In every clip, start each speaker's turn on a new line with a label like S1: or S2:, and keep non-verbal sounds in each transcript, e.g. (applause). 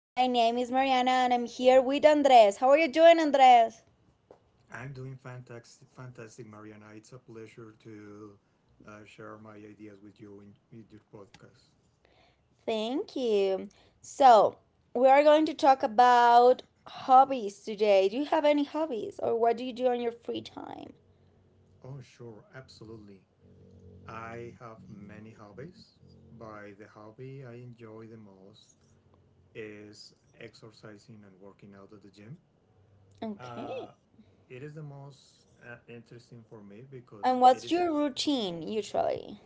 S1: My name is Mariana and I'm here with Andres. How are you doing, Andres?
S2: I'm doing fantastic, fantastic, Mariana. It's a pleasure to share my ideas with you in your podcast.
S1: Thank you. So, we are going to talk about hobbies today. Do you have any hobbies or what do you do on your free time?
S2: Oh, sure, absolutely. I have many hobbies. By the hobby I enjoy the most is exercising and working out at the gym.
S1: Okay.
S2: Uh, it is the most interesting for me
S1: And
S2: because it
S1: what's
S2: is
S1: your routine usually?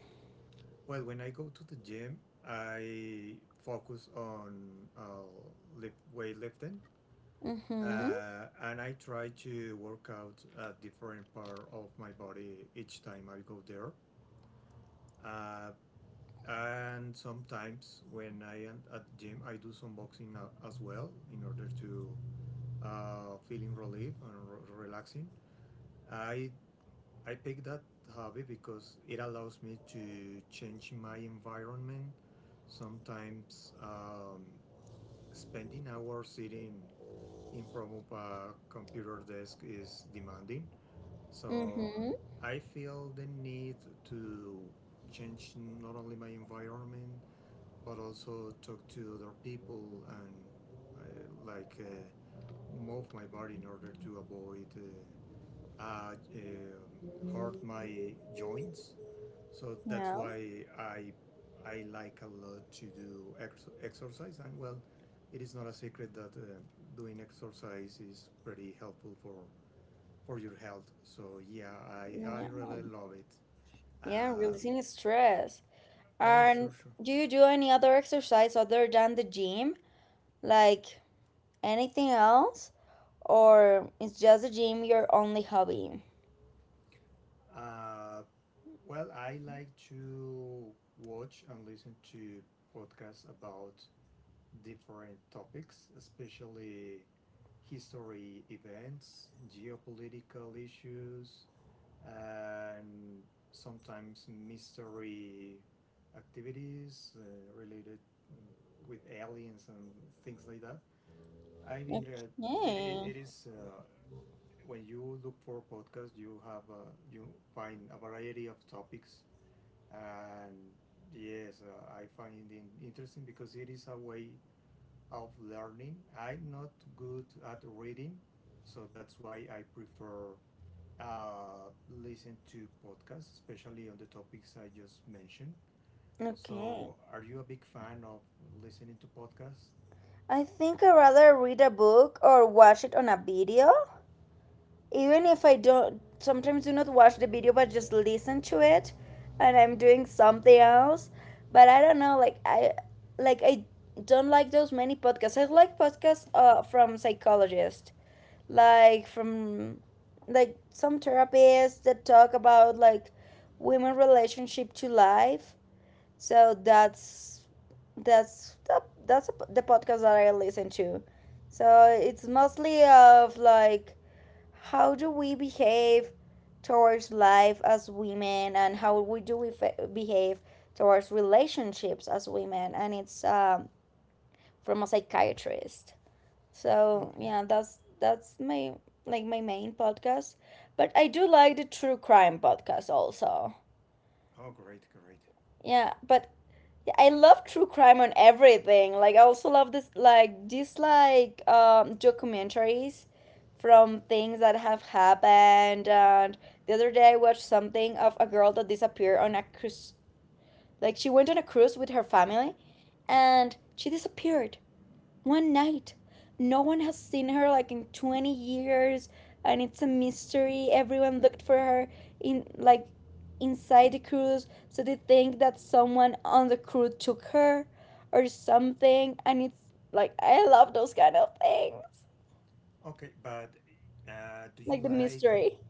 S2: well when I go to the gym I focus on weightlifting
S1: Mm hmm.
S2: and I try to work out a different part of my body each time I go there. Uh, and sometimes when I am at the gym, I do some boxing as well in order to feeling relief and relaxing. I I pick that hobby because it allows me to change my environment. Sometimes spending hours sitting in front of a computer desk is demanding.
S1: Mm
S2: So
S1: hmm.
S2: I feel the need to change not only my environment but also talk to other people and I, like move my body in order to avoid uh, um, hurt my joints. So that's
S1: Yeah.
S2: why I like a lot to do exercise. And well, it is not a secret that doing exercise is pretty helpful for your health. So yeah, I
S1: Yeah.
S2: really love it.
S1: Yeah,
S2: Uh,
S1: releasing stress.
S2: oh,
S1: And
S2: sure, sure.
S1: do you do any other exercise other than the gym? Like anything else? Or is just the gym your only hobby?
S2: Uh, well, I like to watch and listen to podcasts about different topics, especially history events, geopolitical issues, and sometimes mystery activities related mm, with aliens and things like that. I mean, it, it
S1: Okay.
S2: it is When you look for podcasts, you find a variety of topics, and yes, I find it interesting because it is a way of learning. I'm not good at reading, so that's why I prefer uh, listen to podcasts, especially on the topics I just mentioned.
S1: Okay.
S2: So, are you a big fan of listening to podcasts?
S1: I think I'd rather read a book or watch it on a video. Even if I don't sometimes do not watch the video but just listen to it and I'm doing something else. But I don't know, like I don't like those many podcasts. I like podcasts from psychologists, like from like some therapists that talk about like women relationship to life, so that's the podcast that I listen to. So it's mostly of like how do we behave towards life as women, and how we behave towards relationships as women, and it's from a psychiatrist.
S2: Oh,
S1: So yeah, that's my, like, my main podcast. But I do like the true crime podcast also.
S2: oh great, great.
S1: Yeah, but yeah, I love true crime on everything. Like, I also love this like these like documentaries from things that have happened. And the other day I watched something of a girl that disappeared on a cruise. Like, she went on a cruise with her family,
S2: Yep.
S1: and she disappeared one night. No one has seen her, like, in 20 years, and it's a mystery. Everyone looked for her in like inside the cruise, so they think that someone on the crew took her or something, and it's like I love those kind of things.
S2: Okay, but uh, do you
S1: Like the
S2: like
S1: mystery.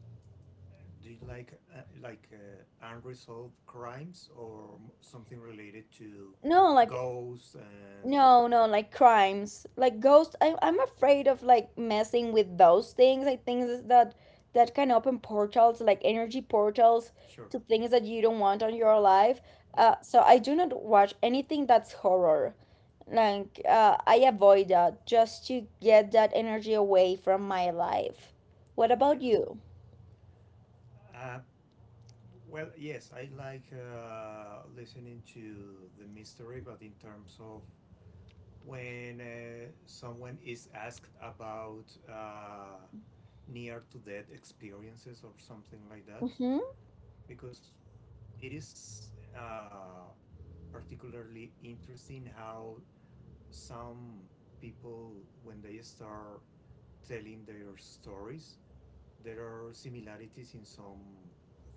S2: do you like unresolved crimes or something related to
S1: No, like,
S2: ghosts and.
S1: no, no, like crimes, like ghosts. I'm afraid of, like, messing with those things. I think is that that can open portals, like energy portals,
S2: Sure.
S1: to things that you don't want on your life.
S2: Yep.
S1: So I do not watch anything that's horror. Like, I avoid that just to get that energy away from my life. What about you?
S2: Yeah. Well, yes, I like listening to the mystery, but in terms of when someone is asked about near to death experiences or something like that,
S1: Mm-hmm.
S2: because it is uh, particularly interesting how some people, when they start telling their stories, there are similarities in some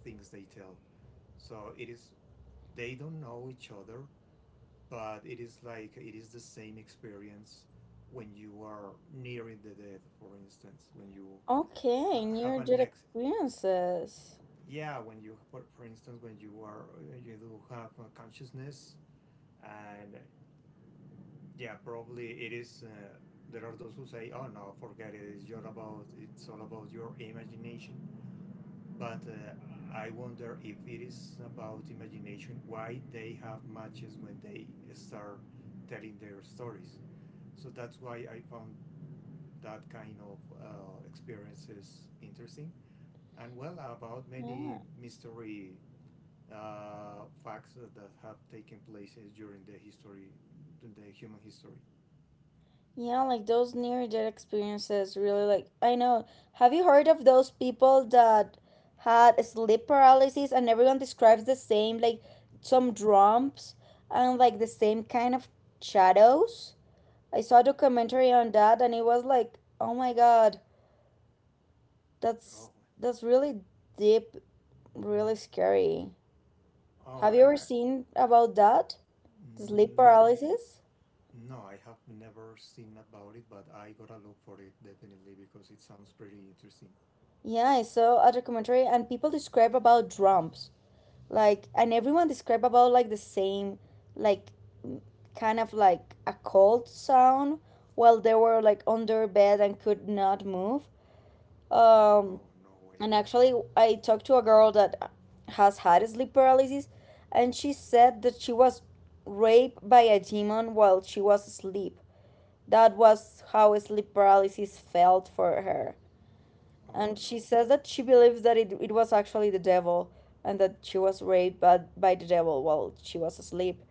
S2: things they tell. So it is they don't know each other, but it is like it is the same experience when you are nearing the death, for instance, when you
S1: Okay,
S2: ha- have
S1: near-death
S2: an ex
S1: experiences.
S2: yeah when you for instance when you are you do have a consciousness and yeah probably it is there are those who say oh no forget it it's all about your imagination but I wonder if it is about imagination why they have matches when they start telling their stories. So that's why I found that kind of experiences interesting. And well, about
S1: Yeah.
S2: many mystery facts that have taken place during the history, the human history.
S1: Yeah, like those near death experiences, really, like, I know. Have you heard of those people that had sleep paralysis and everyone describes the same, like, some drums and like the same kind of shadows? I saw a documentary on that and it was like, "Oh my God, that's
S2: Oh,
S1: that's really deep, really scary."
S2: oh,
S1: Have you ever
S2: I
S1: seen about that? Sleep
S2: mm, no,
S1: paralysis?
S2: No, I have never seen about it, but I gotta look for it definitely because it sounds pretty interesting.
S1: Yeah, I saw a documentary and people describe about drums, like, and everyone described about, like, the same, like, kind of like a cold sound while they were, like, under bed and could not move. um
S2: Oh no way!
S1: and actually, I talked to a girl that has had sleep paralysis, and she said that she was raped by a demon while she was asleep. That was how sleep paralysis felt for her,
S2: Oh
S1: and she
S2: no!
S1: says that she believes that it was actually the devil, and that she was raped by the devil while she was asleep.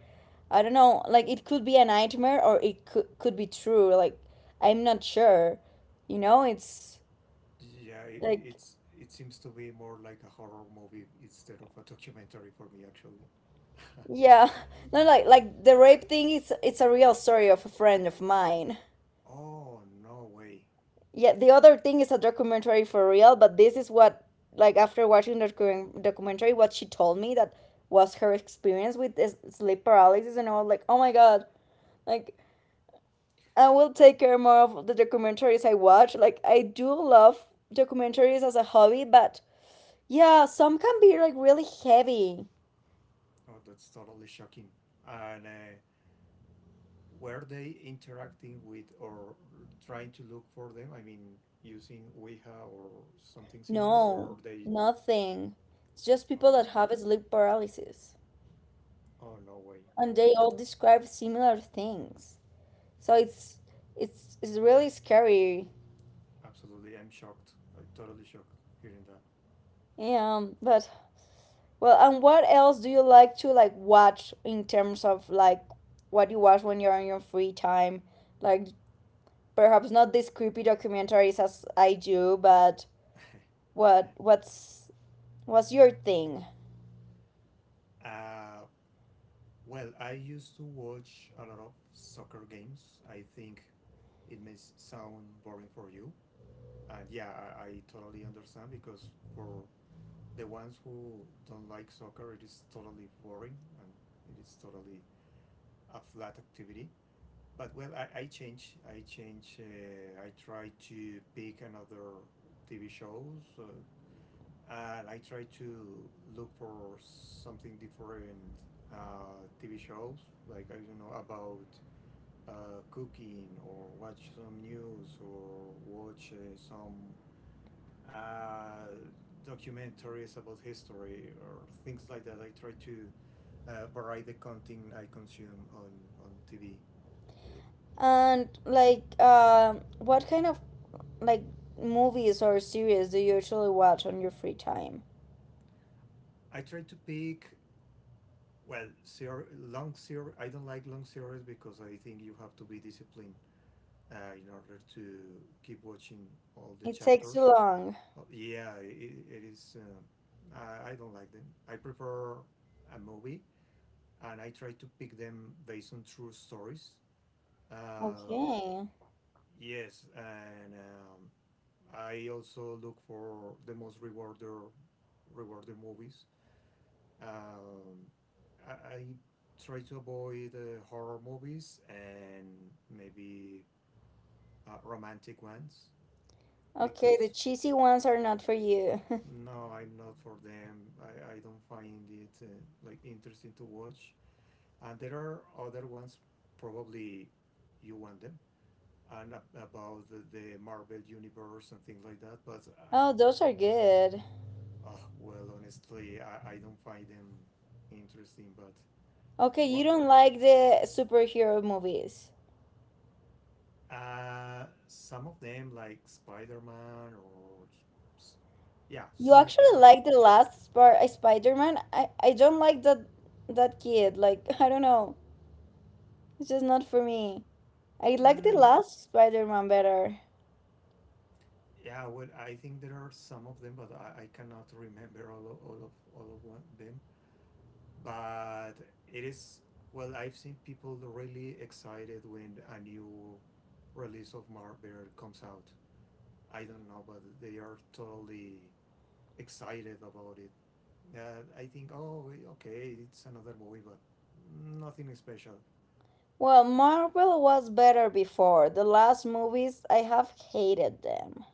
S1: I don't know, like, it could be a nightmare, or it could be true. Like, I'm not sure, it's
S2: Yeah,
S1: like,
S2: it seems to be more like a horror movie instead of a documentary for me actually.
S1: yeah. (laughs) No, like the rape thing, it's a real story of a friend of mine.
S2: Oh no way!
S1: Yeah, the other thing is a documentary for real, but this is what, like, after watching the documentary, what she told me, that was her experience with this sleep paralysis, and I was like, oh my god, like, I will take care more of the documentaries I watch. Like, I do love documentaries as a hobby, but yeah, some can be like really heavy.
S2: Oh, that's totally shocking. And were they interacting with or trying to look for them? I mean, using Ouija or something similar,
S1: No,
S2: or they?
S1: nothing. It's just
S2: Oh
S1: people
S2: no
S1: that
S2: way!
S1: have sleep paralysis
S2: Oh no way! No
S1: and they
S2: way!
S1: all describe similar things. So it's really scary.
S2: Absolutely, I'm shocked. I'm totally shocked hearing that.
S1: But well, and what else do you like to, like, watch in terms of, like, what you watch when you're on your free time? Like, perhaps not these creepy documentaries as I do, but what what's what's your thing?
S2: Uh, well, I used to watch a lot of soccer games. I think it may sound boring for you. And yeah, I totally understand because for the ones who don't like soccer, it is totally boring and it is totally a flat activity. But well, I change. I change. I try to pick another TV shows. And I try to look for something different TV shows, like I don't know about cooking or watch some news or watch some uh, documentaries about history or things like that. I try to vary the content I consume on TV. Uh,
S1: And, like, what kind of, like, movies or series do you usually watch on your free time?
S2: I try to pick well, long series. I don't like long series because I think you have to be disciplined in order to keep watching all the
S1: It takes too
S2: chapters.
S1: long.
S2: Yeah, it is. I don't like them. I prefer a movie, and I try to pick them based on true stories. Uh,
S1: Okay.
S2: yes, and I also look for the most rewarder movies. Um, I try to avoid horror movies and maybe romantic ones
S1: Okay, the
S2: because.
S1: cheesy ones are not for you. (laughs)
S2: No, I'm not for them. I don't find it like interesting to watch. And there are other ones, probably you want them, and about the Marvel universe and things like that. But
S1: Oh, those are good.
S2: well, honestly, I don't find them interesting. But
S1: Okay, you
S2: what
S1: don't like the superhero movies.
S2: some of them like Spider Man or s- yeah,
S1: You
S2: some of them,
S1: actually
S2: but.
S1: like the last Spider-Man? I don't like that kid. Like, (laughs) I don't know. It's just not for me. I like the
S2: Mm,
S1: last Spider-Man better.
S2: Yeah, well, I think there are some of them, but I cannot remember all of them. But it is well, I've seen people really excited when a new release of Marvel comes out. I don't know, but they are totally excited about it. I think, oh, okay, it's another movie, but nothing special.
S1: Well, Marvel was better before. The last movies, I have hated them.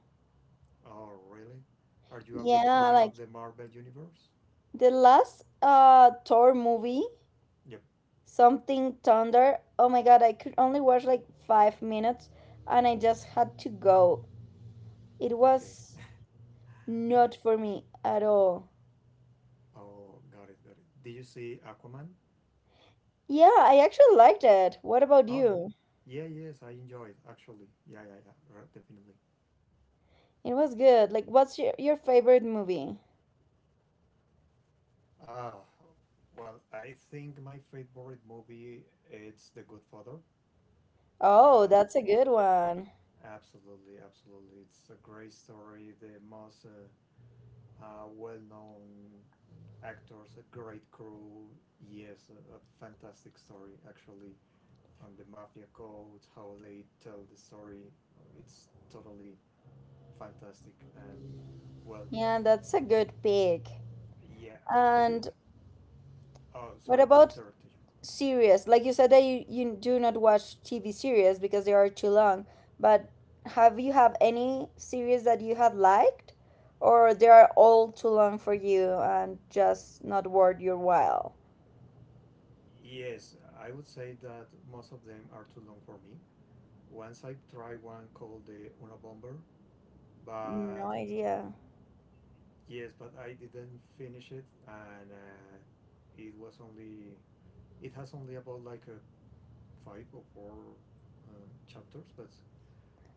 S2: Oh, really? Are you a big
S1: Yeah,
S2: fan
S1: like
S2: of the Marvel universe?
S1: the last Thor movie.
S2: Yep.
S1: Something Thunder. Oh my god, I could only watch like 5 minutes and I just had to go. It
S2: Okay.
S1: was not for me at all.
S2: Oh, got it, got it. Did you see Aquaman?
S1: Yeah, I actually liked it. What about
S2: Oh, yeah.
S1: you?
S2: Yeah, yes, I enjoyed actually. Yeah, yeah, yeah, right, definitely.
S1: It was good. Like, what's your favorite movie?
S2: Ah, well, I think my favorite movie it's The Good Father.
S1: Oh,
S2: Uh,
S1: that's a good one.
S2: Absolutely, absolutely. It's a great story. The most well-known actors, a great crew. Yes, a fantastic story actually. On the mafia codes, how they tell the story, it's totally fantastic and well
S1: Yeah, that's a good pick.
S2: yeah do you
S1: And
S2: oh
S1: what
S2: sorry for
S1: about
S2: interrupting
S1: serious, like you said that you do not watch TV series because they are too long, but have you have any series that you have liked, or they are all too long for you and just not worth your while?
S2: you yes I would say that most of them are too long for me once I tried one called the una bomber but
S1: No idea.
S2: yes but I didn't finish it and it was only it has only about like a five or four chapters but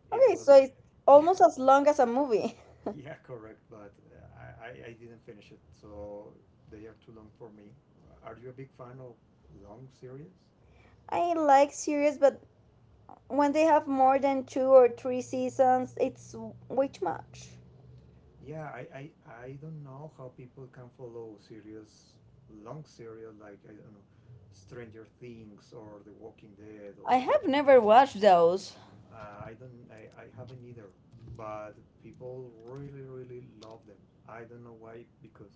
S2: it
S1: Okay, so
S2: was
S1: it's
S2: yeah.
S1: almost as long as a movie.
S2: Yeah, (laughs) correct. But I didn't finish it, so they are too long for me. Are you a big fan of long series?
S1: (laughs) I like series, but when they have more than two or three seasons, it's way too much.
S2: Yeah, I don't know how people can follow series, long series like, I don't know, Stranger Things or The Walking Dead
S1: I
S2: or
S1: have never watched those.
S2: I don't, I haven't either. But people really, really love them. I don't know why because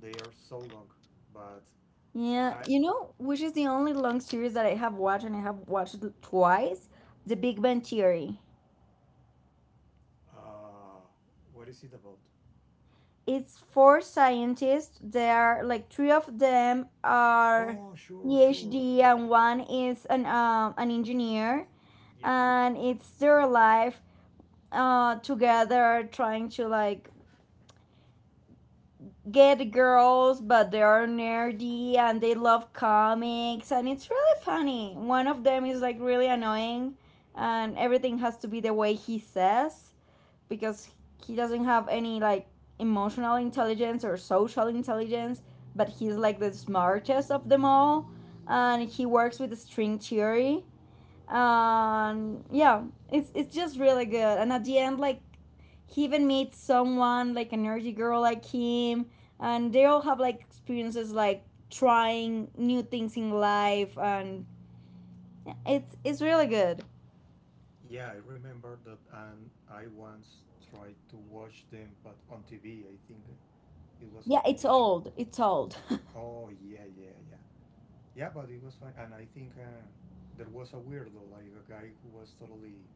S2: they are so long. But
S1: Yeah,
S2: I,
S1: you know, which is the only long series that I have watched and I have watched it twice? The Big Bang Theory.
S2: uh, what is it about?
S1: It's four scientists. There are like three of them are
S2: Oh, sure, sure.
S1: PhD and one is an engineer,
S2: Yeah,
S1: and it's their life together, trying to, like, get girls, but they are nerdy and they love comics, and it's really funny. One of them is, like, really annoying, and everything has to be the way he says, because he doesn't have any, like, emotional intelligence or social intelligence, but he's, like, the smartest of them all, and he works with the string theory. Yeah, it's just really good, and at the end, like, he even meets someone like an energy girl like him, and they all have like experiences, like, trying new things in life. And yeah, it's really good.
S2: yeah, I remember that, and I once tried to watch them, but on TV, I think it was a
S1: Yeah, it's
S2: TV show.
S1: old, it's old. (laughs)
S2: Oh, yeah, yeah, yeah. Yeah, but it was fine. And I think there was a weirdo, like a guy who was totally,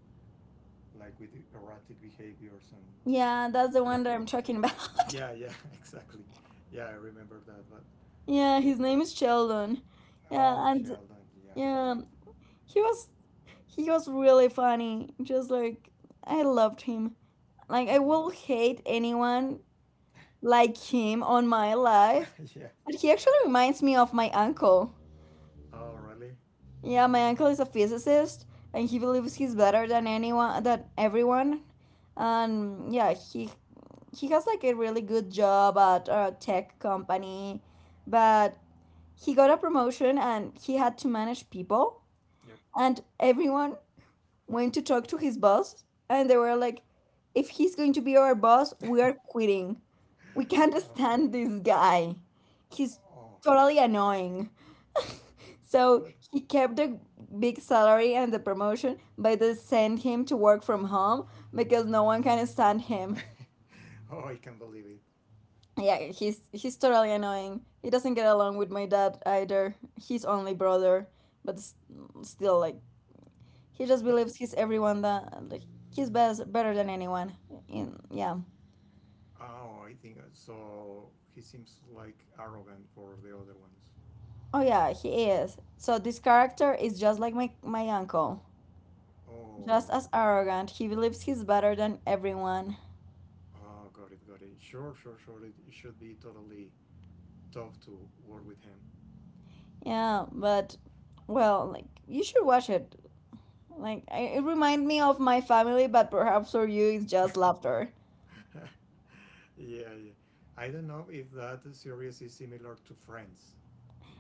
S2: like, with erratic behaviors and.
S1: Yeah, that's the
S2: Yeah,
S1: one that I'm talking about. (laughs)
S2: yeah, yeah, (laughs) exactly. Yeah, I remember that, but
S1: Yeah,
S2: yeah.
S1: his name is Sheldon.
S2: Oh,
S1: Yeah. And
S2: Sheldon, yeah,
S1: yeah,
S2: correct.
S1: he was he was really funny, just like I loved him. Like, I
S2: Yeah,
S1: will hate anyone like him on my life.
S2: (laughs) yeah.
S1: But he actually reminds me of my uncle.
S2: Oh, really?
S1: Yeah, my uncle is a physicist and he believes he's better than anyone, than everyone. And yeah, he has like a really good job at a tech company, but he got a promotion and he had to manage people,
S2: Yep.
S1: and everyone went to talk to his boss, and they were like, if he's going to be our boss, we are quitting. We can't
S2: Uh,
S1: stand this guy. He's
S2: oh,
S1: totally annoying. So
S2: but
S1: he kept the big salary and the promotion, but they sent him to work from home because no one can stand him.
S2: (laughs) oh, I can't believe it.
S1: Yeah, he's totally annoying. He doesn't get along with my dad either. He's only brother, but still, like, he just
S2: But
S1: believes he's everyone that, like, he's best better than anyone. In yeah,
S2: oh, I think so. He seems like arrogant for the other ones.
S1: oh yeah, he is. So this character is just like my uncle. Just
S2: Oh,
S1: as arrogant. He believes he's better than everyone.
S2: oh, got it, got it. Sure, sure, sure. It should be totally tough to work with him.
S1: Yeah, but well, like, you should watch it. Like, it reminds me of my family, but perhaps for you it's just laughter.
S2: (laughs) yeah, yeah. I don't know if that series is similar to Friends.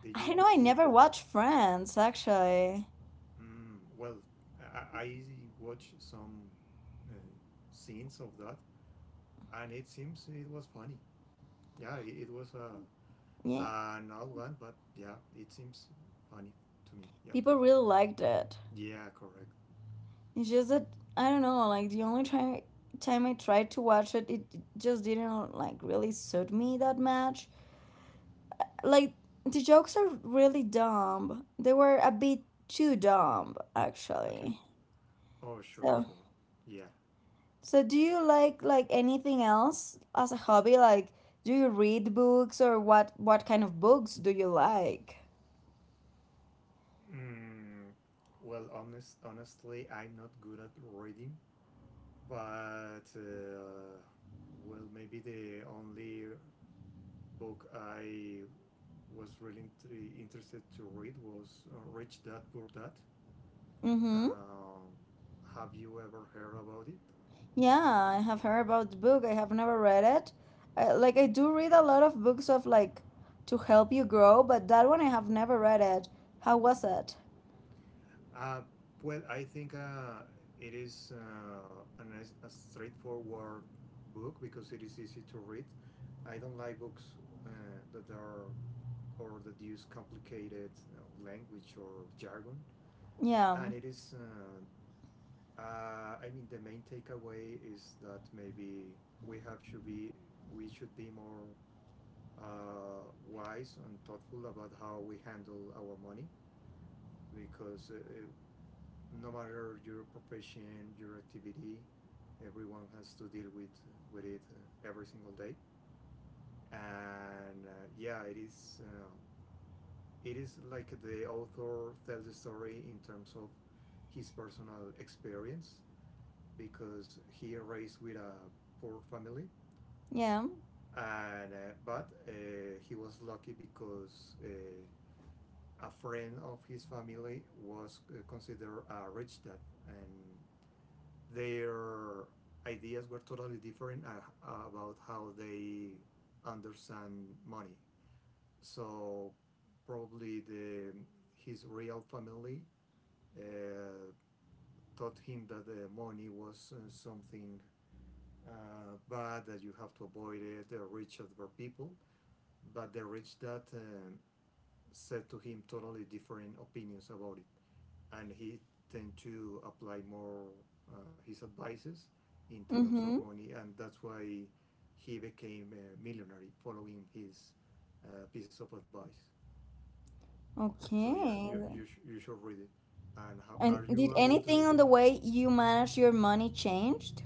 S2: Did
S1: I don't
S2: you
S1: know. I
S2: see that?
S1: never watched Friends actually.
S2: Well, I watched some uh, scenes of that, and it seems it was funny. Yeah, it was a.
S1: Yeah,
S2: Not one, but yeah, it seems funny to me. Yep.
S1: people really liked it.
S2: Yeah, correct.
S1: It's just that I don't know. Like, the only time I tried to watch it, it just didn't, like, really suit me that much. Like, the jokes are really dumb. They were a bit too dumb
S2: Okay.
S1: actually.
S2: Oh, sure,
S1: So,
S2: sure. Yeah.
S1: so do you like, anything else as a hobby? Like, do you read books, or what kind of books do you like?
S2: Mm, well, honestly, I'm not good at reading, but well, maybe the only book I was really interested to read was Rich Dad Poor Dad.
S1: Mm-hmm.
S2: Um have you ever heard about it?
S1: Yeah, I have heard about the book. I have never read it. Like, I do read a lot of books of, like, to help you grow, but that one I have never read it. How was it?
S2: Uh, well, I think it is a straightforward book because it is easy to read. I don't like books uh, that are or that use complicated language or jargon.
S1: Yeah.
S2: And it is, I mean, the main takeaway is that maybe we have should be we should be more wise and thoughtful about how we handle our money because no matter your profession, your activity, everyone has to deal with it every single day. And yeah, it is like the author tells the story in terms of his personal experience because he raised with a poor family,
S1: Yeah.
S2: and but he was lucky because. A friend of his family was considered a rich dad and their ideas were totally different about how they understand money. So probably the his real family uh, taught him that the money was something bad that you have to avoid it. The rich other people, but the rich that said to him totally different opinions about it. And he tend to apply more his advices in terms of
S1: Mm-hmm.
S2: money, and that's why he became a millionaire following his pieces of advice. So yeah,
S1: Okay.
S2: you should read it. And how are
S1: And
S2: you
S1: did
S2: a good?
S1: anything on the way you manage your money changed?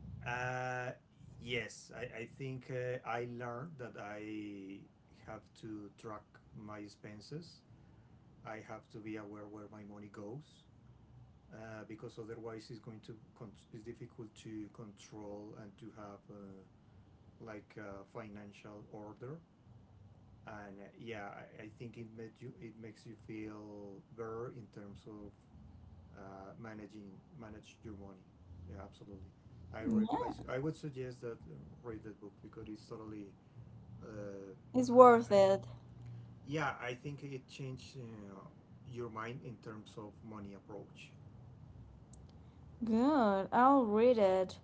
S2: Uh, uh, yes, I think I learned that I have to track my expenses. I have to be aware where my money goes. Because otherwise it's difficult to control and to have like a financial order and yeah, I think it makes you feel better in terms of managing manage your money. Yeah, absolutely. I, rec- I,
S1: Yeah,
S2: s- I would suggest that read that book because it's totally uh,
S1: it's worth
S2: I-
S1: it.
S2: yeah, I think it changed your mind in terms of money approach.
S1: Good, I'll read it.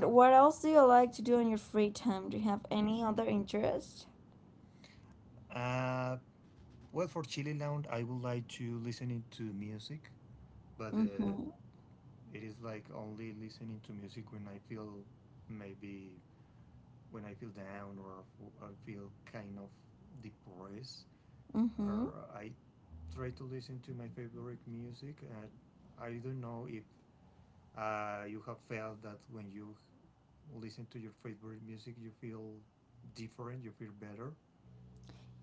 S2: Have
S1: what else do you like to do in your free time? Do you have any other interest?
S2: uh, well, for Chile Lounge, I would like to listen to music, but
S1: Mm-hmm.
S2: it is like only listening to music when I feel maybe when I feel down or, or feel kind of depressed.
S1: Mm-hmm.
S2: Or I try to listen to my favorite music, and I don't know if you have felt that when you listen to your favorite music, you feel different, you feel better.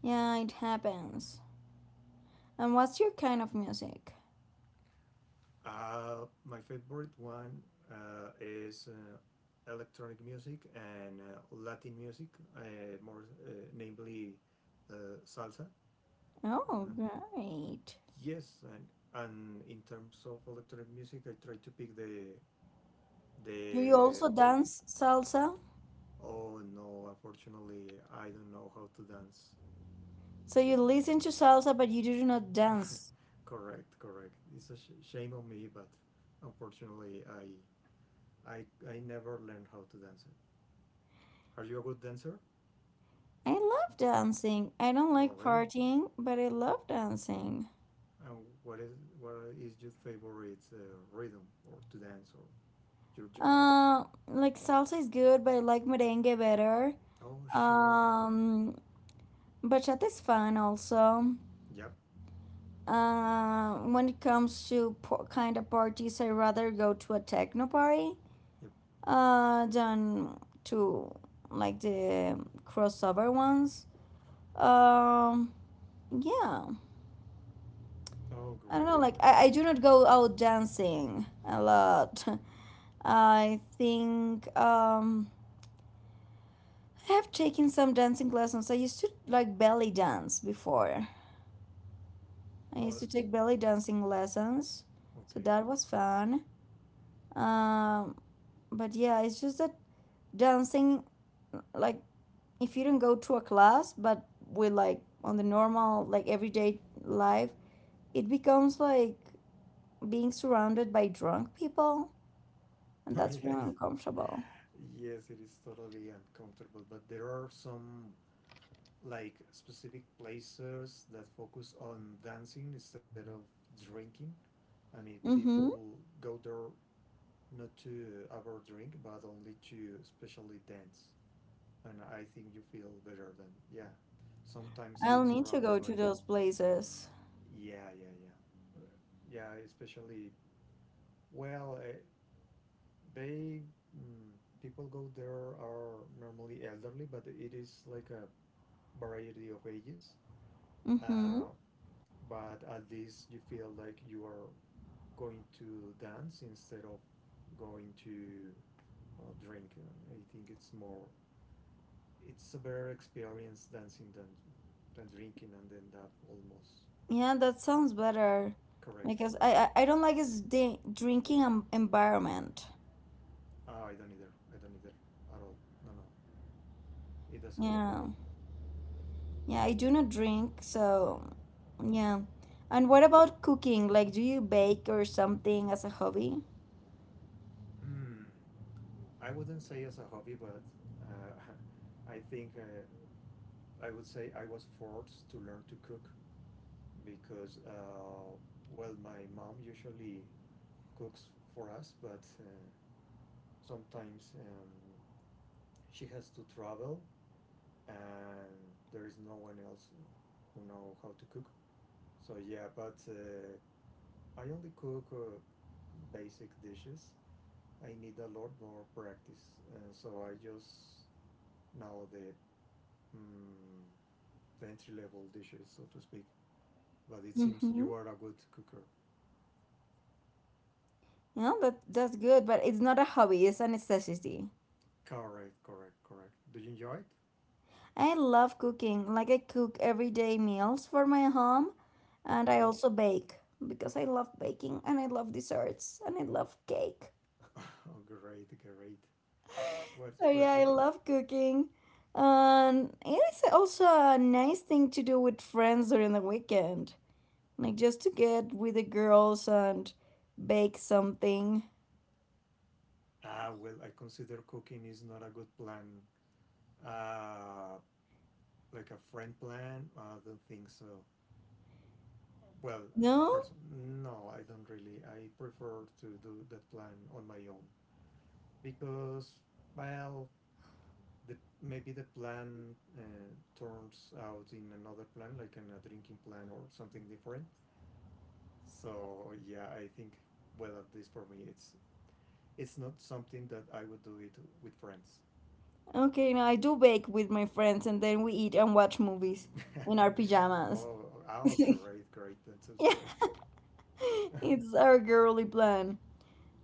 S1: Yeah, it happens. And what's your kind of music?
S2: My favorite one is electronic music and Latin music, uh, more namely salsa.
S1: Oh,
S2: Uh,
S1: great.
S2: yes, and in terms of electronic music, I try to pick the
S1: Do you
S2: the
S1: also
S2: old one.
S1: dance salsa?
S2: Oh no, unfortunately, I don't know how to dance.
S1: So you listen to salsa, but you do not dance.
S2: (laughs) Correct, correct. It's a shame on me, but unfortunately, I I never learned how to dance it. Are you a good dancer?
S1: I love dancing. I don't
S2: Oh,
S1: like
S2: really?
S1: partying, but I love dancing.
S2: And what is your favorite rhythm or to dance or your genre?
S1: Like salsa is good, but I like merengue better.
S2: Oh, sure.
S1: Um, Bachata is fun also.
S2: Yep.
S1: When it comes to kind of parties, I rather go to a techno party
S2: Yep.
S1: than to, like, the crossover ones. Um, yeah,
S2: Oh,
S1: I don't know.
S2: great,
S1: Like,
S2: great.
S1: I do not go out dancing a lot. (laughs) I think I have taken some dancing lessons. I used to like belly dance before. I used
S2: Oh,
S1: to
S2: s-
S1: take belly dancing lessons, so
S2: okay. (laughs)
S1: that was fun. um but yeah, it's just that dancing, like, if you don't go to a class, but with, like, on the normal, like, everyday life, it becomes like being surrounded by drunk people, and
S2: Oh,
S1: that's
S2: yes.
S1: really uncomfortable.
S2: Yes, it is totally uncomfortable, but there are some like specific places that focus on dancing instead of drinking. I mean,
S1: Mm-hmm.
S2: people go there not to ever drink, but only to especially dance. And I think you feel better than yeah. Sometimes
S1: I'll
S2: being
S1: need to
S2: surrounded
S1: go
S2: by
S1: to those places.
S2: yeah, yeah, yeah, Uh, yeah. Especially well, they mm, people go there are normally elderly, but it is like a variety of ages.
S1: Mm-hmm.
S2: Uh, but at least you feel like you are going to dance instead of going to drink. I think it's more it's a better experience dancing than drinking, and then that almost
S1: Yeah, that
S2: uh,
S1: sounds better,
S2: correct,
S1: because i
S2: correct.
S1: i, I don't like this drinking environment.
S2: Ah, I don't either. I don't either at all. No, no, it doesn't work for
S1: Yeah.
S2: me.
S1: Yeah, I do not drink, so yeah. And
S2: Uh,
S1: what about cooking? Like, do you bake or something as a hobby?
S2: mm, I wouldn't say as a hobby, but uh, (laughs) I think I would say I was forced to learn to cook because, well, my mom usually cooks for us, but sometimes she has to travel and there is no one else who know how to cook. So yeah, but I only cook basic dishes. I need a lot more practice, so I just know mm, the entry level dishes, so to speak. But it seems
S1: Mm-hmm.
S2: you are a good cooker.
S1: Yeah, that's good, but it's not a hobby, it's a necessity.
S2: Correct, correct, correct. Do you enjoy it?
S1: I love cooking. Like, I cook everyday meals for my home, and I
S2: Great.
S1: also bake because I love baking and I love desserts and I love cake.
S2: (laughs) Oh, great, great. What,
S1: So yeah,
S2: what's your?
S1: I love cooking. And it is also a nice thing to do with friends during the weekend. Like, just to get with the girls and bake something.
S2: Ah, well, I consider cooking is not a good plan. Ah, like a friend plan. I don't think so. Well,
S1: No?
S2: person, no, I don't really. I prefer to do that plan on my own because, well, the maybe the plan turns out in another plan, like in a drinking plan or something different. So yeah, I think well, at least for me, it's not something that I would do it with friends.
S1: Okay, no, I do bake with my friends and then we eat and watch movies in our
S2: (laughs)
S1: pajamas.
S2: Oh,
S1: (laughs)
S2: oh,
S1: Yeah,
S2: great, great, that sounds great.
S1: it's our girly plan,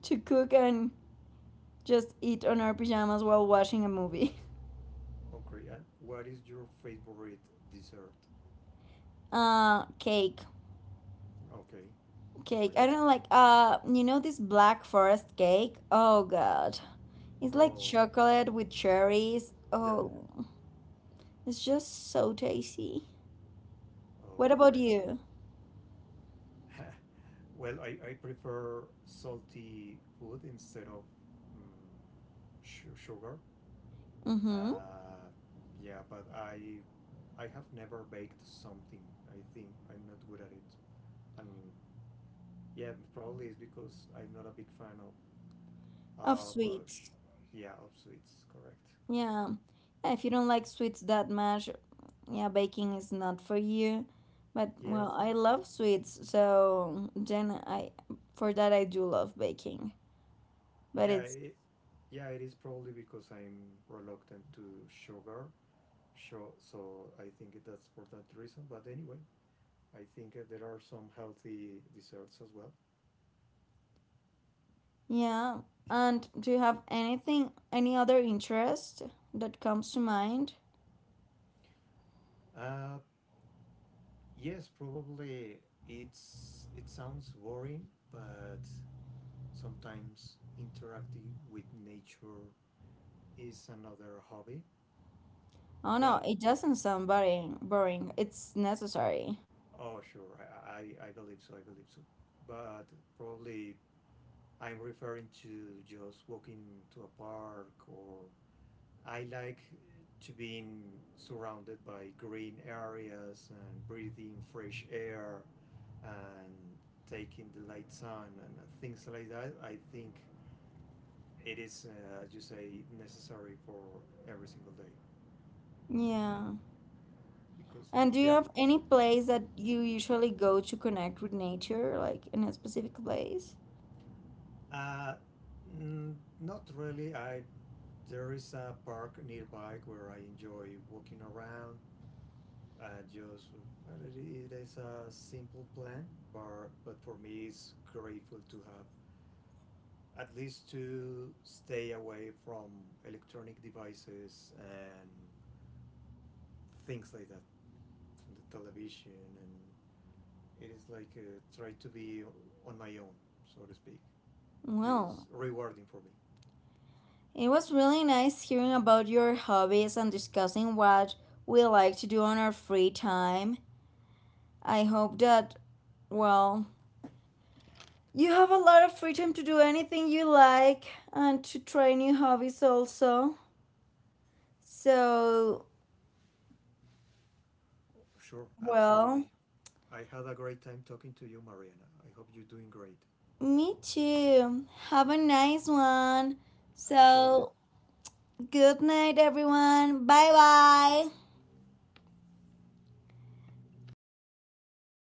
S1: to cook and just eat on our pajamas while watching a movie. (laughs)
S2: (laughs) Okay, and what is your favorite dessert?
S1: Cake.
S2: Okay,
S1: Cake.
S2: great.
S1: I don't like, you know this black forest cake? Oh god. It's like
S2: Oh,
S1: chocolate with cherries.
S2: yeah, yeah.
S1: Oh, it's just so tasty.
S2: Yeah.
S1: What
S2: Oh,
S1: about
S2: great.
S1: you?
S2: (laughs) Well, I prefer salty food instead of mm su sugar.
S1: Mm-hmm.
S2: Uh, yeah, but I have never baked something. I think I'm not good at it, and yeah, probably it's because I'm not a big fan
S1: Of
S2: of
S1: sweets.
S2: yeah of sweets. Correct.
S1: Yeah. Yeah, if you don't like sweets that much, yeah, baking is not for you. But
S2: Yes,
S1: well, I
S2: it's
S1: love sweets, so then I, for that, I do love baking. But
S2: yeah
S1: it's,
S2: it, yeah it is probably because I'm reluctant to sugar. Sure. So I think that's for that reason. But anyway, I think there are some healthy desserts as well.
S1: yeah. And do you have anything, any other interest that comes to mind?
S2: Uh, yes, probably it's it sounds boring, but sometimes interacting with nature is another hobby.
S1: Oh no,
S2: Well,
S1: it doesn't sound boring, boring. It's necessary.
S2: oh sure, I I believe so. I believe so. But probably I'm referring to just walking to a park or I like to be surrounded by green areas and breathing fresh air and taking the light sun and things like that. I think it is, as you say, necessary for every single day
S1: Yeah.
S2: because
S1: And do you
S2: yeah,
S1: have any place that you usually go to connect with nature, like in a specific place?
S2: uh, not really. I there is a park nearby where I enjoy walking around just well, it is a simple plan, but for me it's grateful to have at least to stay away from electronic devices and things like that from the television and it is like try to be on my own, so to speak. It is
S1: Well,
S2: rewarding for me.
S1: it was really nice hearing about your hobbies and discussing what we like to do on our free time. I hope that, well, you have a lot of freedom to do anything you like and to try new hobbies also. So,
S2: Sure,
S1: well,
S2: absolutely. I had a great time talking to you, Mariana. I hope you're doing great.
S1: me too. Have a nice one.
S2: Appreciate
S1: So,
S2: it.
S1: good night, everyone. Bye bye.